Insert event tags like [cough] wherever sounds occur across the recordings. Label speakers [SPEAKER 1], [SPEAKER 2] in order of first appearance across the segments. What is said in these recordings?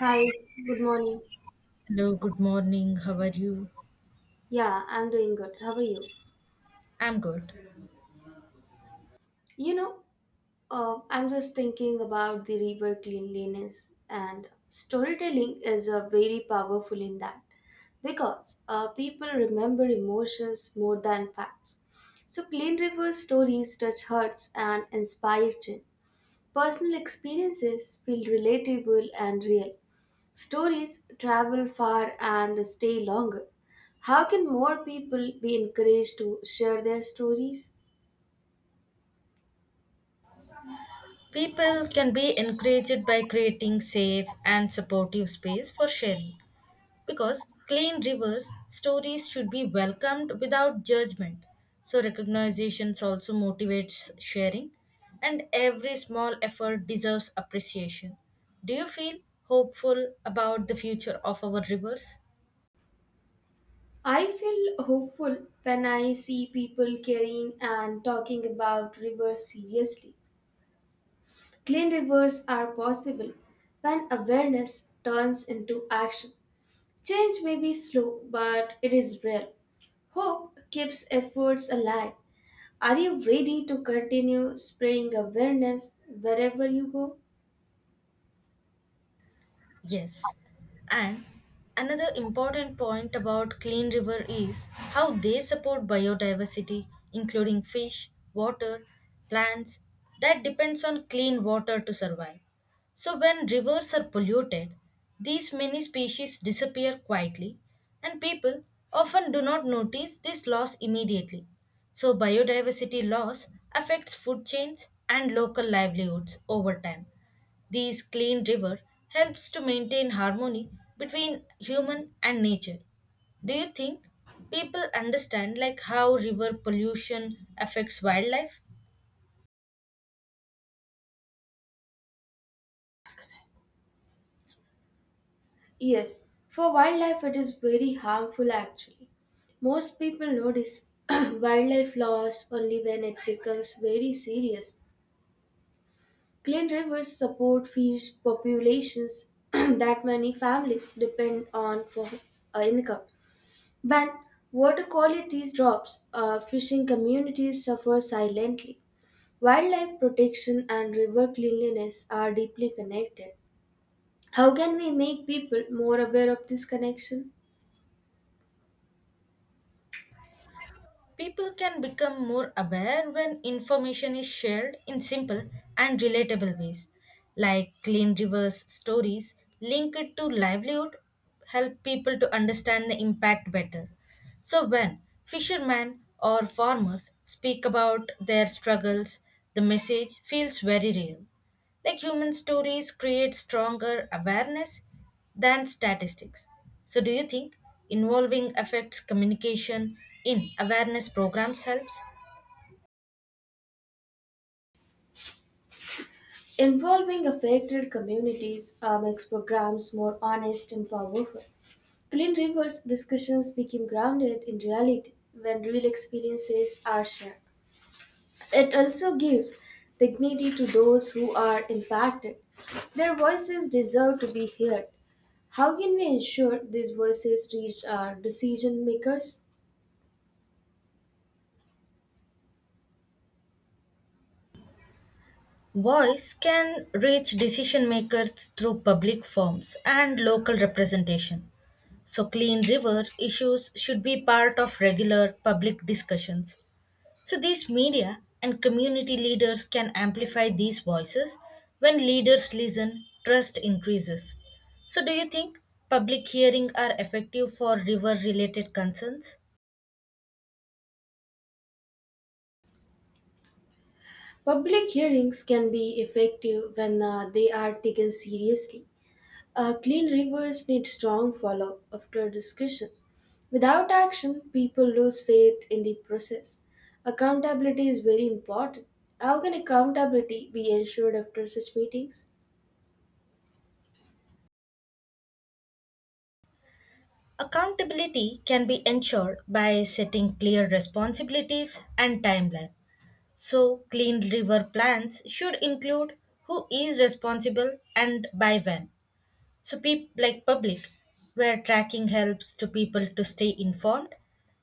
[SPEAKER 1] Hi, good morning.
[SPEAKER 2] Hello, good morning. How are you?
[SPEAKER 1] Yeah, I'm doing good. How are you?
[SPEAKER 2] I'm good.
[SPEAKER 1] You know, I'm just thinking about the river cleanliness, and storytelling is very powerful in that because people remember emotions more than facts. So, clean river stories touch hearts and inspire change. Personal experiences feel relatable and real. Stories travel far and stay longer. How can more people be encouraged to share their stories?
[SPEAKER 2] People can be encouraged by creating safe and supportive space for sharing because clean rivers stories should be welcomed without judgment. So recognitions also motivates sharing and every small effort deserves appreciation. Do you feel hopeful about the future of our rivers?
[SPEAKER 1] I feel hopeful when I see people caring and talking about rivers seriously. Clean rivers are possible when awareness turns into action. Change may be slow, but it is real. Hope keeps efforts alive. Are you ready to continue spreading awareness wherever you go?
[SPEAKER 2] Yes. And another important point about Clean River is how they support biodiversity, including fish, water, plants that depends on clean water to survive. So when rivers are polluted, these many species disappear quietly and people often do not notice this loss immediately. So biodiversity loss affects food chains and local livelihoods over time. This clean river helps to maintain harmony between human and nature. Do you think people understand like how river pollution affects wildlife?
[SPEAKER 1] Yes, for wildlife it is very harmful actually. Most people notice [clears throat] wildlife loss only when it becomes very serious. Clean rivers support fish populations [clears throat] that many families depend on for income. When water quality drops, fishing communities suffer silently. Wildlife protection and river cleanliness are deeply connected. How can we make people more aware of this connection?
[SPEAKER 2] People can become more aware when information is shared in simple and relatable ways, like clean rivers stories linked to livelihood help people to understand the impact better. So when fishermen or farmers speak about their struggles, the message feels very real. Like human stories create stronger awareness than statistics. So, do you think involving affects communication in awareness programs helps?
[SPEAKER 1] Involving affected communities makes programs more honest and powerful. Clean Rivers discussions became grounded in reality when real experiences are shared. It also gives dignity to those who are impacted. Their voices deserve to be heard. How can we ensure these voices reach our decision makers?
[SPEAKER 2] Voice can reach decision makers through public forums and local representation. So, clean river issues should be part of regular public discussions. So, these media and community leaders can amplify these voices. When leaders listen, trust increases. So, do you think public hearing are effective for river related concerns?
[SPEAKER 1] Public hearings can be effective when they are taken seriously. Clean rivers need strong follow after discussions. Without action, people lose faith in the process. Accountability is very important. How can accountability be ensured after such meetings?
[SPEAKER 2] Accountability can be ensured by setting clear responsibilities and timeline. So, clean river plans should include who is responsible and by when. So, peop like public, where tracking helps to people to stay informed.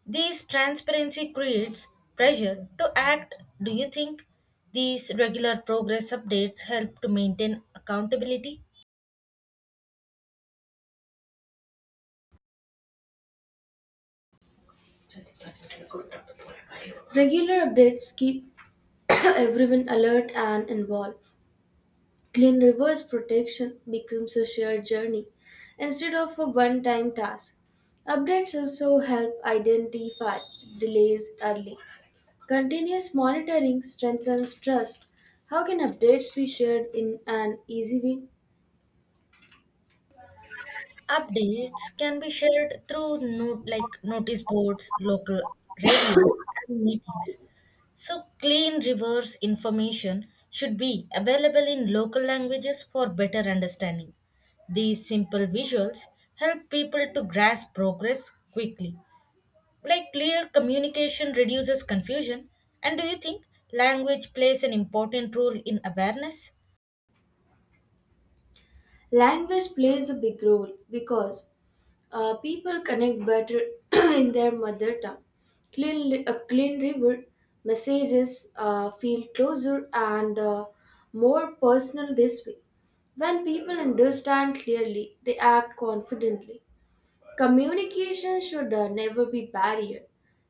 [SPEAKER 2] This transparency creates pressure to act. Do you think these regular progress updates help to maintain accountability?
[SPEAKER 1] Regular updates keep [coughs] [clears throat] everyone alert and involved. Clean rivers protection becomes a shared journey instead of a one time task. Updates also help identify delays early. Continuous monitoring strengthens trust. How can updates be shared in an easy way?
[SPEAKER 2] Updates can be shared through note like notice boards, local radio, and meetings. So clean reverse information should be available in local languages for better understanding. These simple visuals help people to grasp progress quickly. Like clear communication reduces confusion. And do you think language plays an important role in awareness?
[SPEAKER 1] Language plays a big role because people connect better [clears throat] in their mother tongue. A clean river messages feel closer and more personal this way. When people understand clearly, they act confidently. Communication should never be barrier.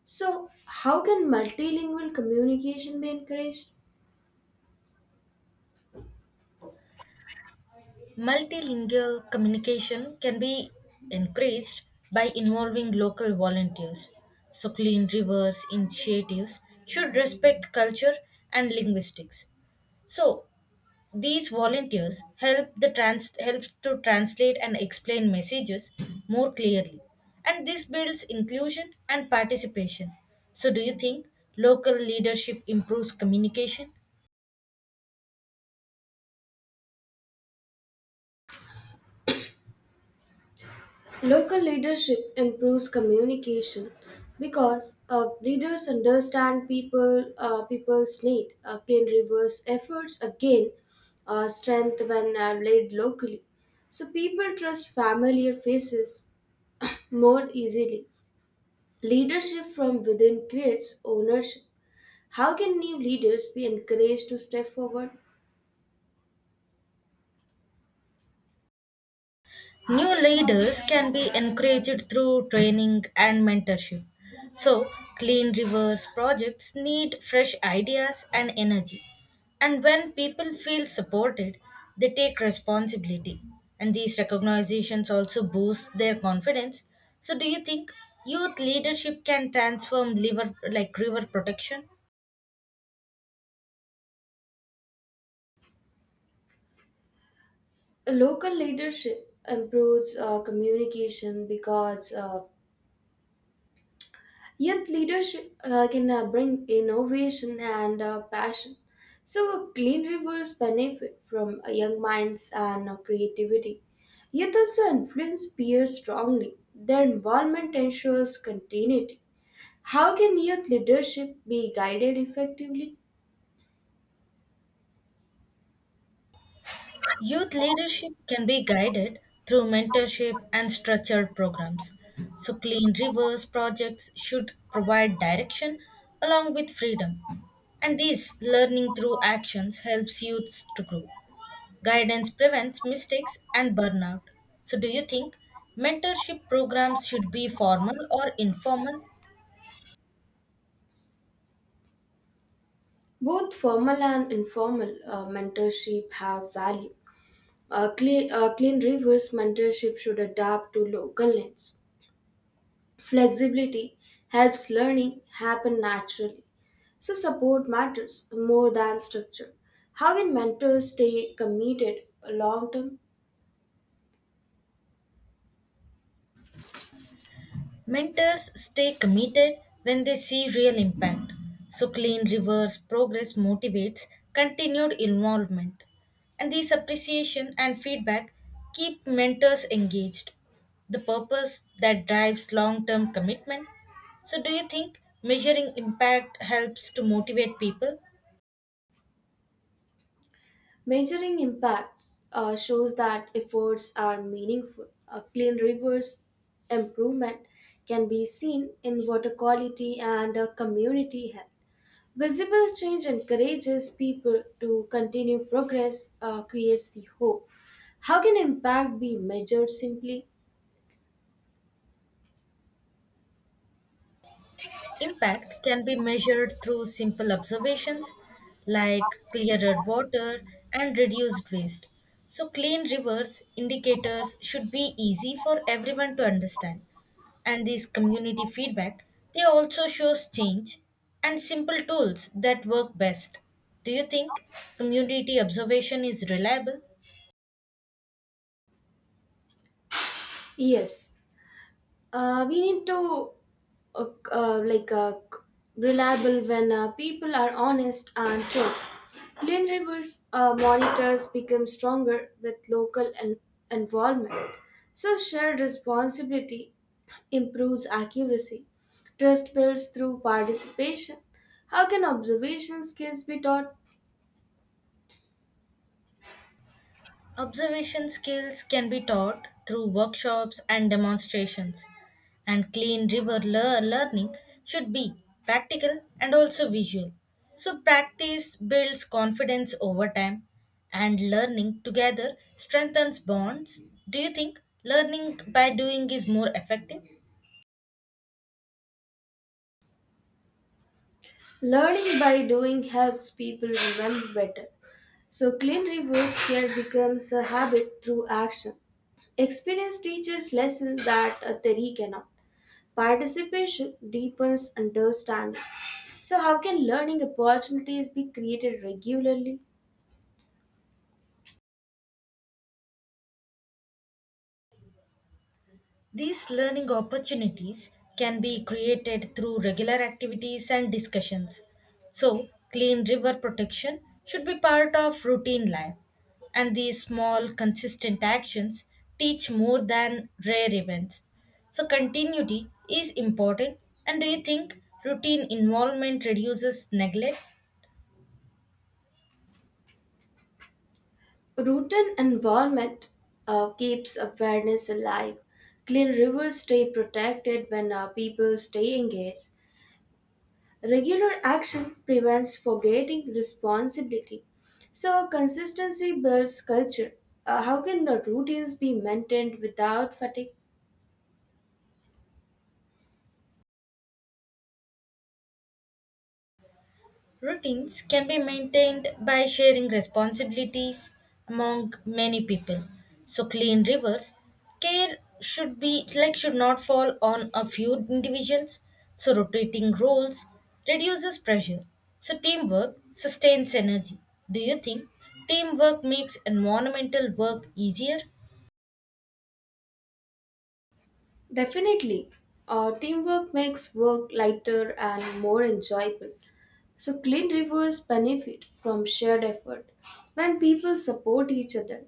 [SPEAKER 1] So, how can multilingual communication be encouraged?
[SPEAKER 2] Multilingual communication can be encouraged by involving local volunteers. So, clean rivers initiatives should respect culture and linguistics. So, these volunteers help to translate and explain messages more clearly, and this builds inclusion and participation. So, do you think local leadership improves communication?
[SPEAKER 1] Local leadership improves communication because leaders understand people's need. Clean rivers efforts again strength when laid locally. So people trust familiar faces more easily. Leadership from within creates ownership. How can new leaders be encouraged to step forward?
[SPEAKER 2] New leaders can be encouraged through training and mentorship. So, clean rivers projects need fresh ideas and energy. And when people feel supported, they take responsibility. And these recognitions also boost their confidence. So, do you think youth leadership can transform river like river protection?
[SPEAKER 1] Local leadership improves communication because youth leadership can bring innovation and passion. So, clean rivers benefit from young minds and creativity. Youth also influence peers strongly. Their involvement ensures continuity. How can youth leadership be guided effectively?
[SPEAKER 2] Youth leadership can be guided through mentorship and structured programs. So, clean rivers projects should provide direction along with freedom. And this learning through actions helps youths to grow. Guidance prevents mistakes and burnout. So, do you think mentorship programs should be formal or informal?
[SPEAKER 1] Both formal and informal mentorship have value. Clean rivers mentorship should adapt to local needs. Flexibility helps learning happen naturally. So support matters more than structure. How can mentors stay committed long term?
[SPEAKER 2] Mentors stay committed when they see real impact. So, Clean Rivers progress motivates continued involvement. And these appreciation and feedback keep mentors engaged. The purpose that drives long term commitment. So, do you think measuring impact helps to motivate people?
[SPEAKER 1] Measuring impact shows that efforts are meaningful. A clean rivers improvement can be seen in water quality and community health. Visible change encourages people to continue progress, creates the hope. How can impact be measured simply?
[SPEAKER 2] Impact can be measured through simple observations like clearer water and reduced waste. So, clean rivers indicators should be easy for everyone to understand. And these community feedback, they also shows change and simple tools that work best. Do you think community observation is reliable?
[SPEAKER 1] Yes, we need to uh, like reliable when people are honest and true. Clean rivers monitors become stronger with local involvement. So shared responsibility improves accuracy. Trust builds through participation. How can observation skills be taught?
[SPEAKER 2] Observation skills can be taught through workshops and demonstrations, and clean river learning should be practical and also visual. So, practice builds confidence over time, and learning together strengthens bonds. Do you think learning by doing is more effective?
[SPEAKER 1] Learning by doing helps people remember better. So, clean reverse here becomes a habit through action. Experience teaches lessons that a theory cannot. Participation deepens understanding. So, how can learning opportunities be created regularly?
[SPEAKER 2] These learning opportunities can be created through regular activities and discussions. So, clean river protection should be part of routine life, and these small, consistent actions teach more than rare events. So, continuity is important. And do you think routine involvement reduces neglect?
[SPEAKER 1] Routine involvement keeps awareness alive. Clean rivers stay protected when our people stay engaged. Regular action prevents forgetting responsibility. So, consistency builds culture. How can the routines be maintained without fatigue?
[SPEAKER 2] Routines can be maintained by sharing responsibilities among many people. So clean rivers care should be like should not fall on a few individuals. So rotating roles reduces pressure. So teamwork sustains energy. Do you think teamwork makes environmental work easier?
[SPEAKER 1] Definitely. Teamwork makes work lighter and more enjoyable. So, clean rivers benefit from shared effort when people support each other.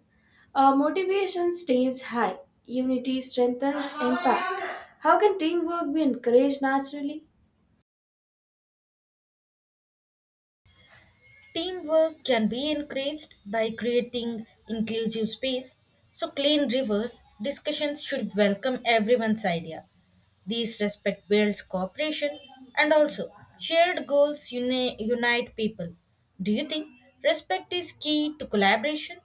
[SPEAKER 1] Motivation stays high, unity strengthens impact. How can teamwork be encouraged naturally?
[SPEAKER 2] Teamwork can be encouraged by creating inclusive space, so clean rivers discussions should welcome everyone's idea. These respect builds cooperation and also shared goals unite people. Do you think respect is key to collaboration?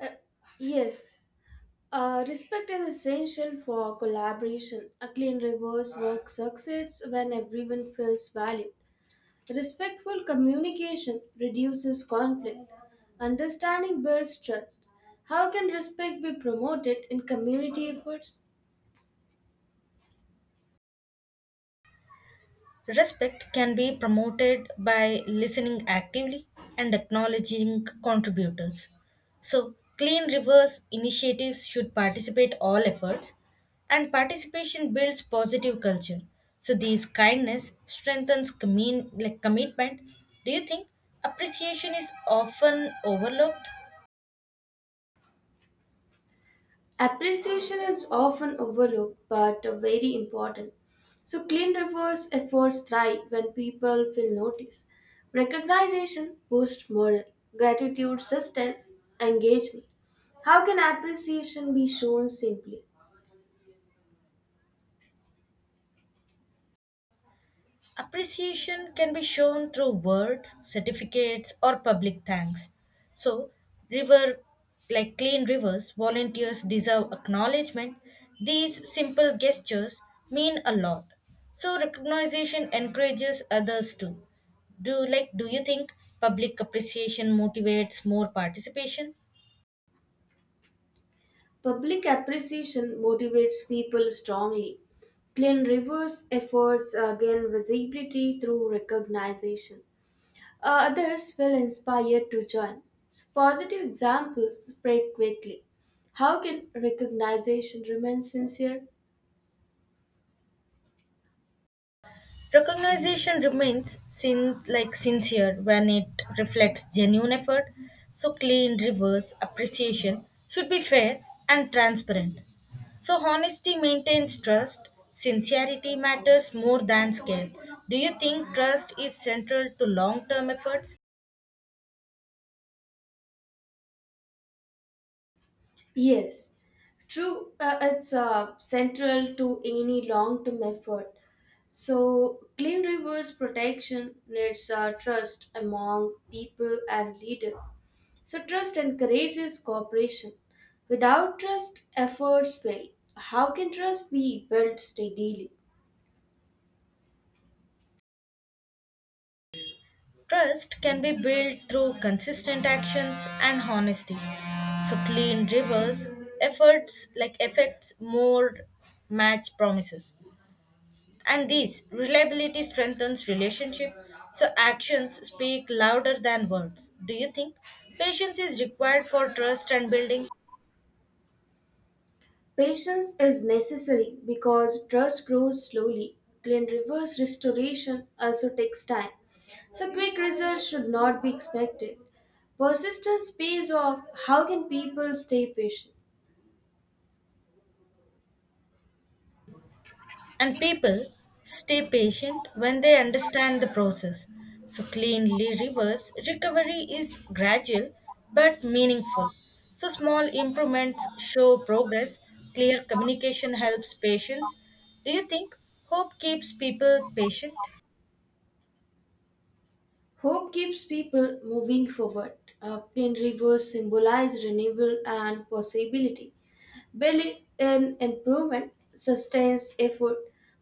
[SPEAKER 1] Uh, yes, respect is essential for collaboration. A clean reverse work succeeds when everyone feels valued. Respectful communication reduces conflict. Understanding builds trust. How can respect be promoted in community efforts?
[SPEAKER 2] Respect can be promoted by listening actively and acknowledging contributors. So, clean rivers initiatives should participate all efforts, and participation builds positive culture. So, these kindness strengthens commitment. Do you think appreciation is often overlooked?
[SPEAKER 1] Appreciation is often overlooked but very important. So, clean reverse efforts thrive when people feel noticed. Recognition boosts morale, gratitude sustains engagement. How can appreciation be shown simply?
[SPEAKER 2] Appreciation can be shown through words, certificates, or public thanks. So, river like clean rivers, volunteers deserve acknowledgement. These simple gestures mean a lot. So, recognition encourages others too. Do you think public appreciation motivates more participation?
[SPEAKER 1] Public appreciation motivates people strongly. Clean Rivers' efforts gain visibility through recognition. Others feel inspired to join. So positive examples spread quickly. How can recognition remain sincere?
[SPEAKER 2] Recognition remains sincere when it reflects genuine effort, so clean reverse appreciation should be fair and transparent. So honesty maintains trust, sincerity matters more than scale. Do you think trust is central to long-term efforts?
[SPEAKER 1] Yes, true. It's central to any long-term effort. So, clean rivers protection needs trust among people and leaders. So, trust encourages cooperation. Without trust, efforts fail. How can trust be built steadily?
[SPEAKER 2] Trust can be built through consistent actions and honesty. So clean rivers efforts like effects more match promises. And these reliability strengthens relationship, so actions speak louder than words. Do you think patience is required for trust and building?
[SPEAKER 1] Patience is necessary because trust grows slowly, and reverse restoration also takes time. So, quick results should not be expected. Persistence pays off. How can people stay patient?
[SPEAKER 2] And people stay patient when they understand the process. So cleanly reverse recovery is gradual but meaningful. So small improvements show progress. Clear communication helps patients. Do you think hope keeps people patient?
[SPEAKER 1] Hope keeps people moving forward. Pin rivers symbolize renewal and possibility. Belief in improvement sustains effort.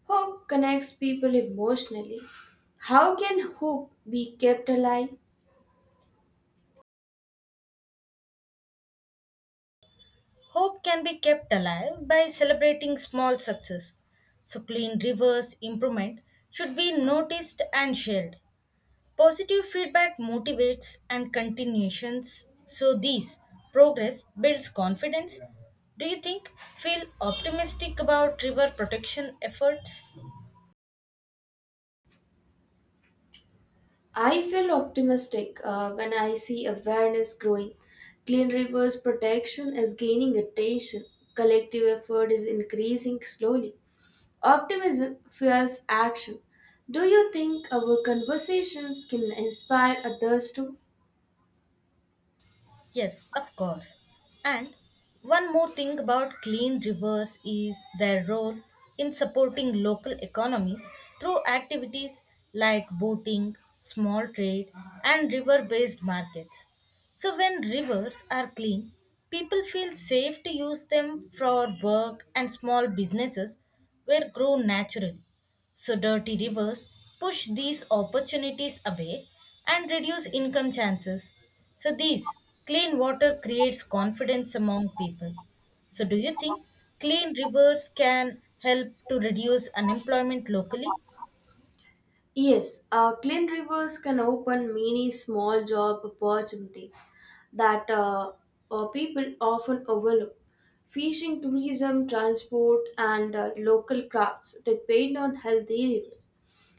[SPEAKER 1] Hope connects people emotionally. How can hope be kept alive?
[SPEAKER 2] Hope can be kept alive by celebrating small success. So clean rivers improvement should be noticed and shared. Positive feedback motivates and continuations so these progress builds confidence. Do you think feel optimistic about river protection efforts?
[SPEAKER 1] I feel optimistic when I see awareness growing. Clean rivers protection is gaining attention. Collective effort is increasing slowly. Optimism fuels action. Do you think our conversations can inspire others too?
[SPEAKER 2] Yes, of course. And one more thing about clean rivers is their role in supporting local economies through activities like boating, small trade, and river based markets. So, when rivers are clean, people feel safe to use them for work and small businesses were grow naturally. So, dirty rivers push these opportunities away and reduce income chances. So, these clean water creates confidence among people. So, do you think clean rivers can help to reduce unemployment locally?
[SPEAKER 1] Yes, clean rivers can open many small job opportunities that people often overlook. Fishing, tourism, transport, and local crafts depend on healthy rivers.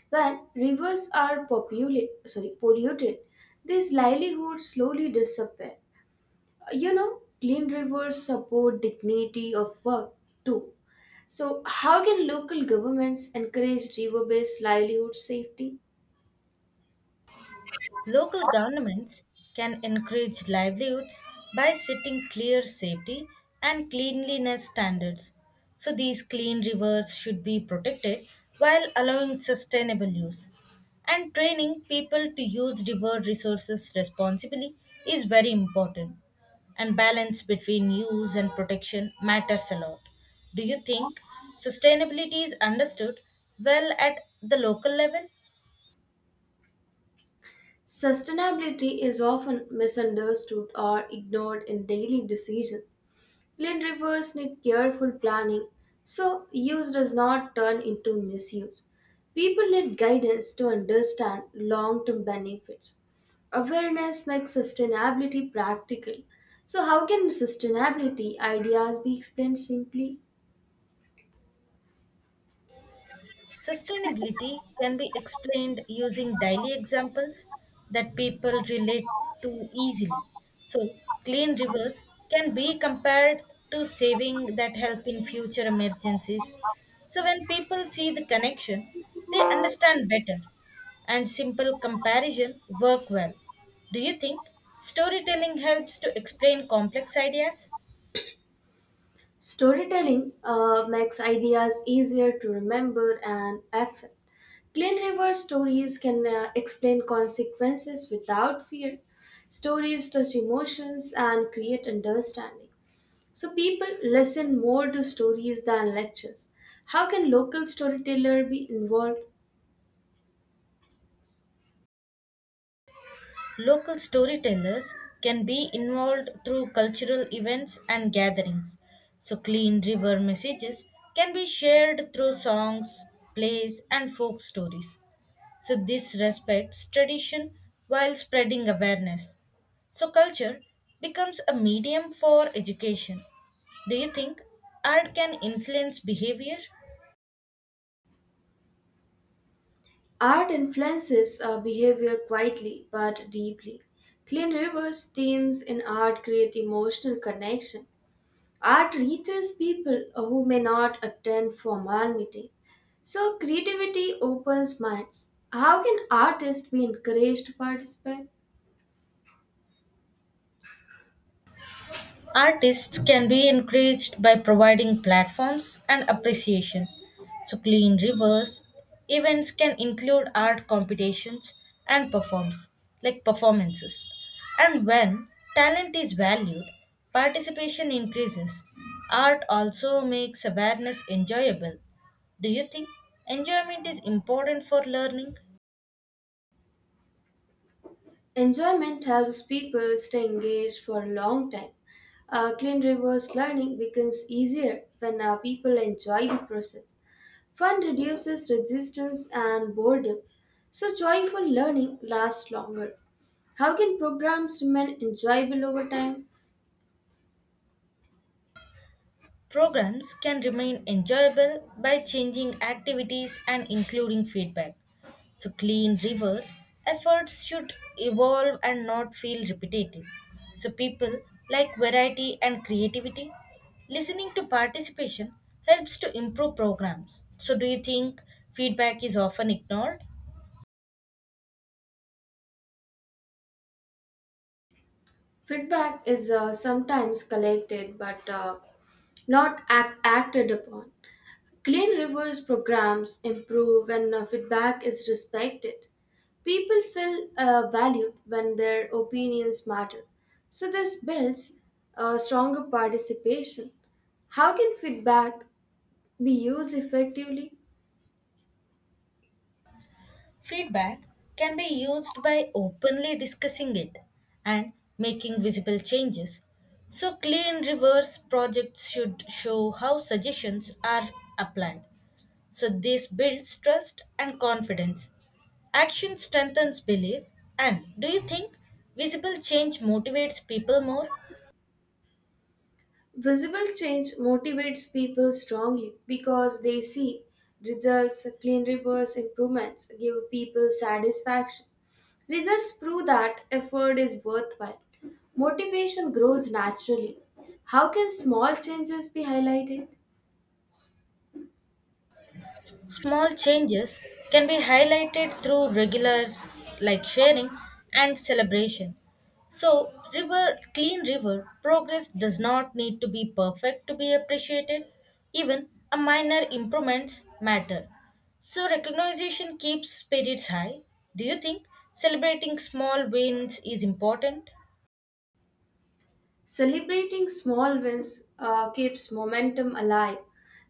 [SPEAKER 1] When rivers are populated, sorry, polluted, these livelihoods slowly disappear. You know, clean rivers support dignity of work too. So, how can local governments encourage river-based livelihood safety?
[SPEAKER 2] Local governments can encourage livelihoods by setting clear safety and cleanliness standards. So, these clean rivers should be protected while allowing sustainable use. And training people to use river resources responsibly is very important. And balance between use and protection matters a lot. Do you think sustainability is understood well at the local level?
[SPEAKER 1] Sustainability is often misunderstood or ignored in daily decisions. Clean rivers need careful planning so use does not turn into misuse. People need guidance to understand long term benefits. Awareness makes sustainability practical. So, how can sustainability ideas be explained simply?
[SPEAKER 2] Sustainability can be explained using daily examples that people relate to easily. So, clean rivers can be compared to saving that help in future emergencies. So, when people see the connection, they understand better, and simple comparison work well. Do you think storytelling helps to explain complex ideas?
[SPEAKER 1] Storytelling makes ideas easier to remember and accept. Glen River stories can explain consequences without fear. Stories touch emotions and create understanding. So people listen more to stories than lectures. How can local storyteller be involved?
[SPEAKER 2] Local storytellers can be involved through cultural events and gatherings. So, clean river messages can be shared through songs, plays, and folk stories. So, this respects tradition while spreading awareness. So, culture becomes a medium for education. Do you think art can influence behavior?
[SPEAKER 1] Art influences behavior quietly but deeply. Clean River's themes in art create emotional connection. Art reaches people who may not attend formal meetings. So creativity opens minds. How can artists be encouraged to participate?
[SPEAKER 2] Artists can be encouraged by providing platforms and appreciation. So, clean rivers events can include art competitions and performs like performances. And when talent is valued, participation increases. Art also makes awareness enjoyable. Do you think enjoyment is important for learning?
[SPEAKER 1] Enjoyment helps people stay engaged for a long time. Clean reverse learning becomes easier when people enjoy the process. Fun reduces resistance and boredom, so joyful learning lasts longer. How can programs remain enjoyable over time?
[SPEAKER 2] Programs can remain enjoyable by changing activities and including feedback. So, clean rivers efforts should evolve and not feel repetitive. So, people like variety and creativity. Listening to participation helps to improve programs. So, do you think feedback is often ignored?
[SPEAKER 1] Feedback is sometimes collected but not act- acted upon. Clean rivers programs improve when feedback is respected. People feel valued when their opinions matter. So, this builds stronger participation. How can feedback be used effectively?
[SPEAKER 2] Feedback can be used by openly discussing it and making visible changes. So, clean reverse projects should show how suggestions are applied. So, this builds trust and confidence. Action strengthens belief. And do you think visible change motivates people more?
[SPEAKER 1] Visible change motivates people strongly because they see results, clean rivers, improvements give people satisfaction. Results prove that effort is worthwhile. Motivation grows naturally. How can small changes be highlighted?
[SPEAKER 2] Small changes can be highlighted through regulars like sharing and celebration. So, river clean river progress does not need to be perfect to be appreciated. Even a minor improvements matter. So, recognition keeps spirits high. Do you think celebrating small wins is important?
[SPEAKER 1] Celebrating small wins keeps momentum alive.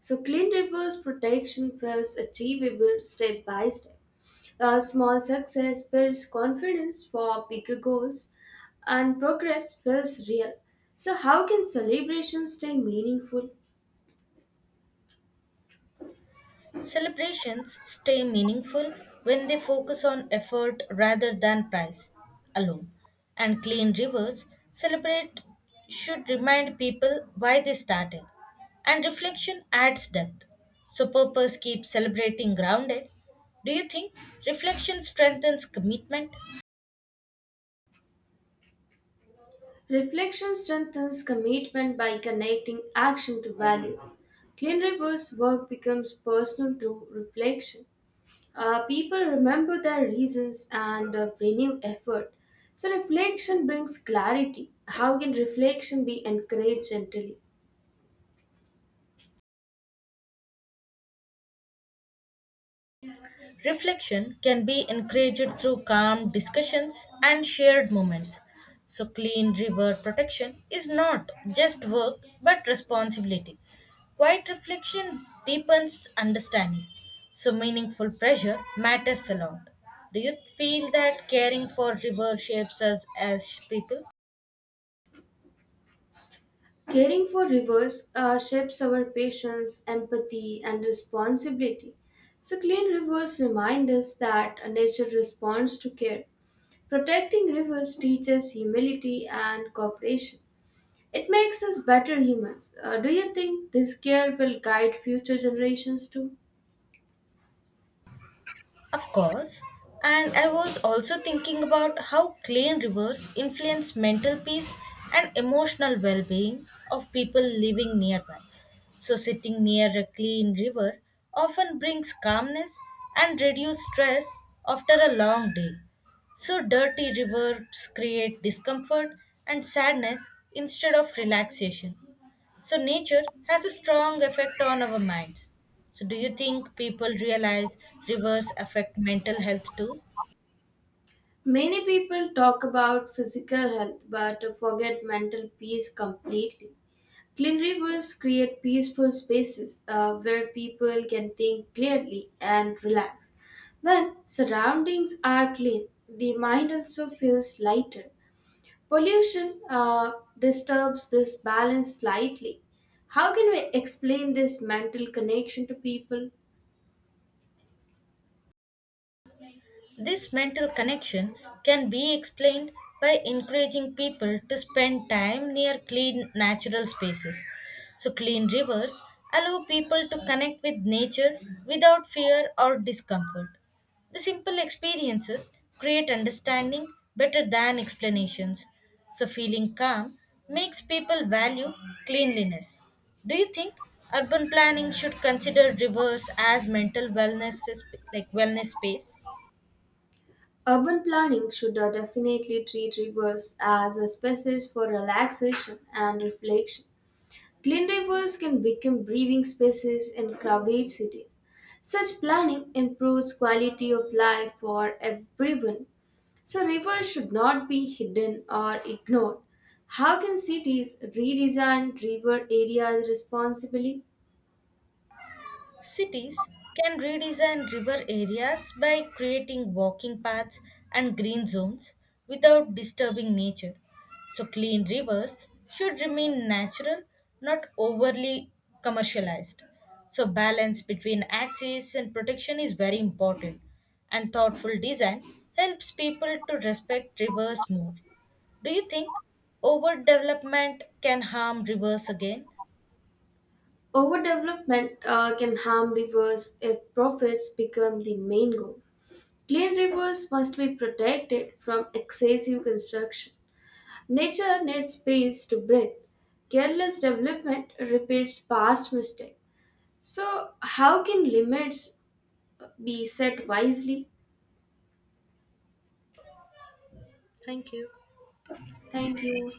[SPEAKER 1] So, clean rivers protection feels achievable step by step. A small success builds confidence for bigger goals, and progress feels real. So, how can celebrations stay meaningful?
[SPEAKER 2] Celebrations stay meaningful when they focus on effort rather than price alone. And clean rivers celebrate should remind people why they started. And reflection adds depth. So purpose keeps celebrating grounded. Do you think reflection strengthens commitment?
[SPEAKER 1] Reflection strengthens commitment by connecting action to value. Clean River's work becomes personal through reflection. People remember their reasons and renew effort. So, reflection brings clarity. How can reflection be encouraged gently?
[SPEAKER 2] Reflection can be encouraged through calm discussions and shared moments. So, clean river protection is not just work but responsibility. Quiet reflection deepens understanding. So, meaningful pressure matters a lot. Do you feel that caring for river shapes us as people?
[SPEAKER 1] Caring for rivers shapes our patience, empathy, and responsibility. So, clean rivers remind us that nature responds to care. Protecting rivers teaches humility and cooperation. It makes us better humans. Do you think this care will guide future generations too?
[SPEAKER 2] Of course. And I was also thinking about how clean rivers influence mental peace and emotional well being of people living nearby. So, sitting near a clean river often brings calmness and reduces stress after a long day. So, dirty rivers create discomfort and sadness instead of relaxation. So, nature has a strong effect on our minds. So, do you think people realize rivers affect mental health too?
[SPEAKER 1] Many people talk about physical health but forget mental peace completely. Clean rivers create peaceful spaces where people can think clearly and relax. When surroundings are clean, the mind also feels lighter. Pollution disturbs this balance slightly. How can we explain this mental connection to people?
[SPEAKER 2] This mental connection can be explained by encouraging people to spend time near clean natural spaces. So, clean rivers allow people to connect with nature without fear or discomfort. The simple experiences create understanding better than explanations. So, feeling calm makes people value cleanliness. Do you think urban planning should consider rivers as mental wellness, sp- like wellness space?
[SPEAKER 1] Urban planning should definitely treat rivers as a spaces for relaxation and reflection. Clean rivers can become breathing spaces in crowded cities. Such planning improves quality of life for everyone. So rivers should not be hidden or ignored. How can cities redesign river areas responsibly?
[SPEAKER 2] Cities can redesign river areas by creating walking paths and green zones without disturbing nature. So, clean rivers should remain natural, not overly commercialized. So, balance between access and protection is very important, and thoughtful design helps people to respect rivers more. Do you think overdevelopment can harm rivers again?
[SPEAKER 1] Overdevelopment can harm rivers if profits become the main goal. Clean rivers must be protected from excessive construction. Nature needs space to breathe. Careless development repeats past mistakes. So, how can limits be set wisely?
[SPEAKER 2] Thank you.
[SPEAKER 1] Thank you.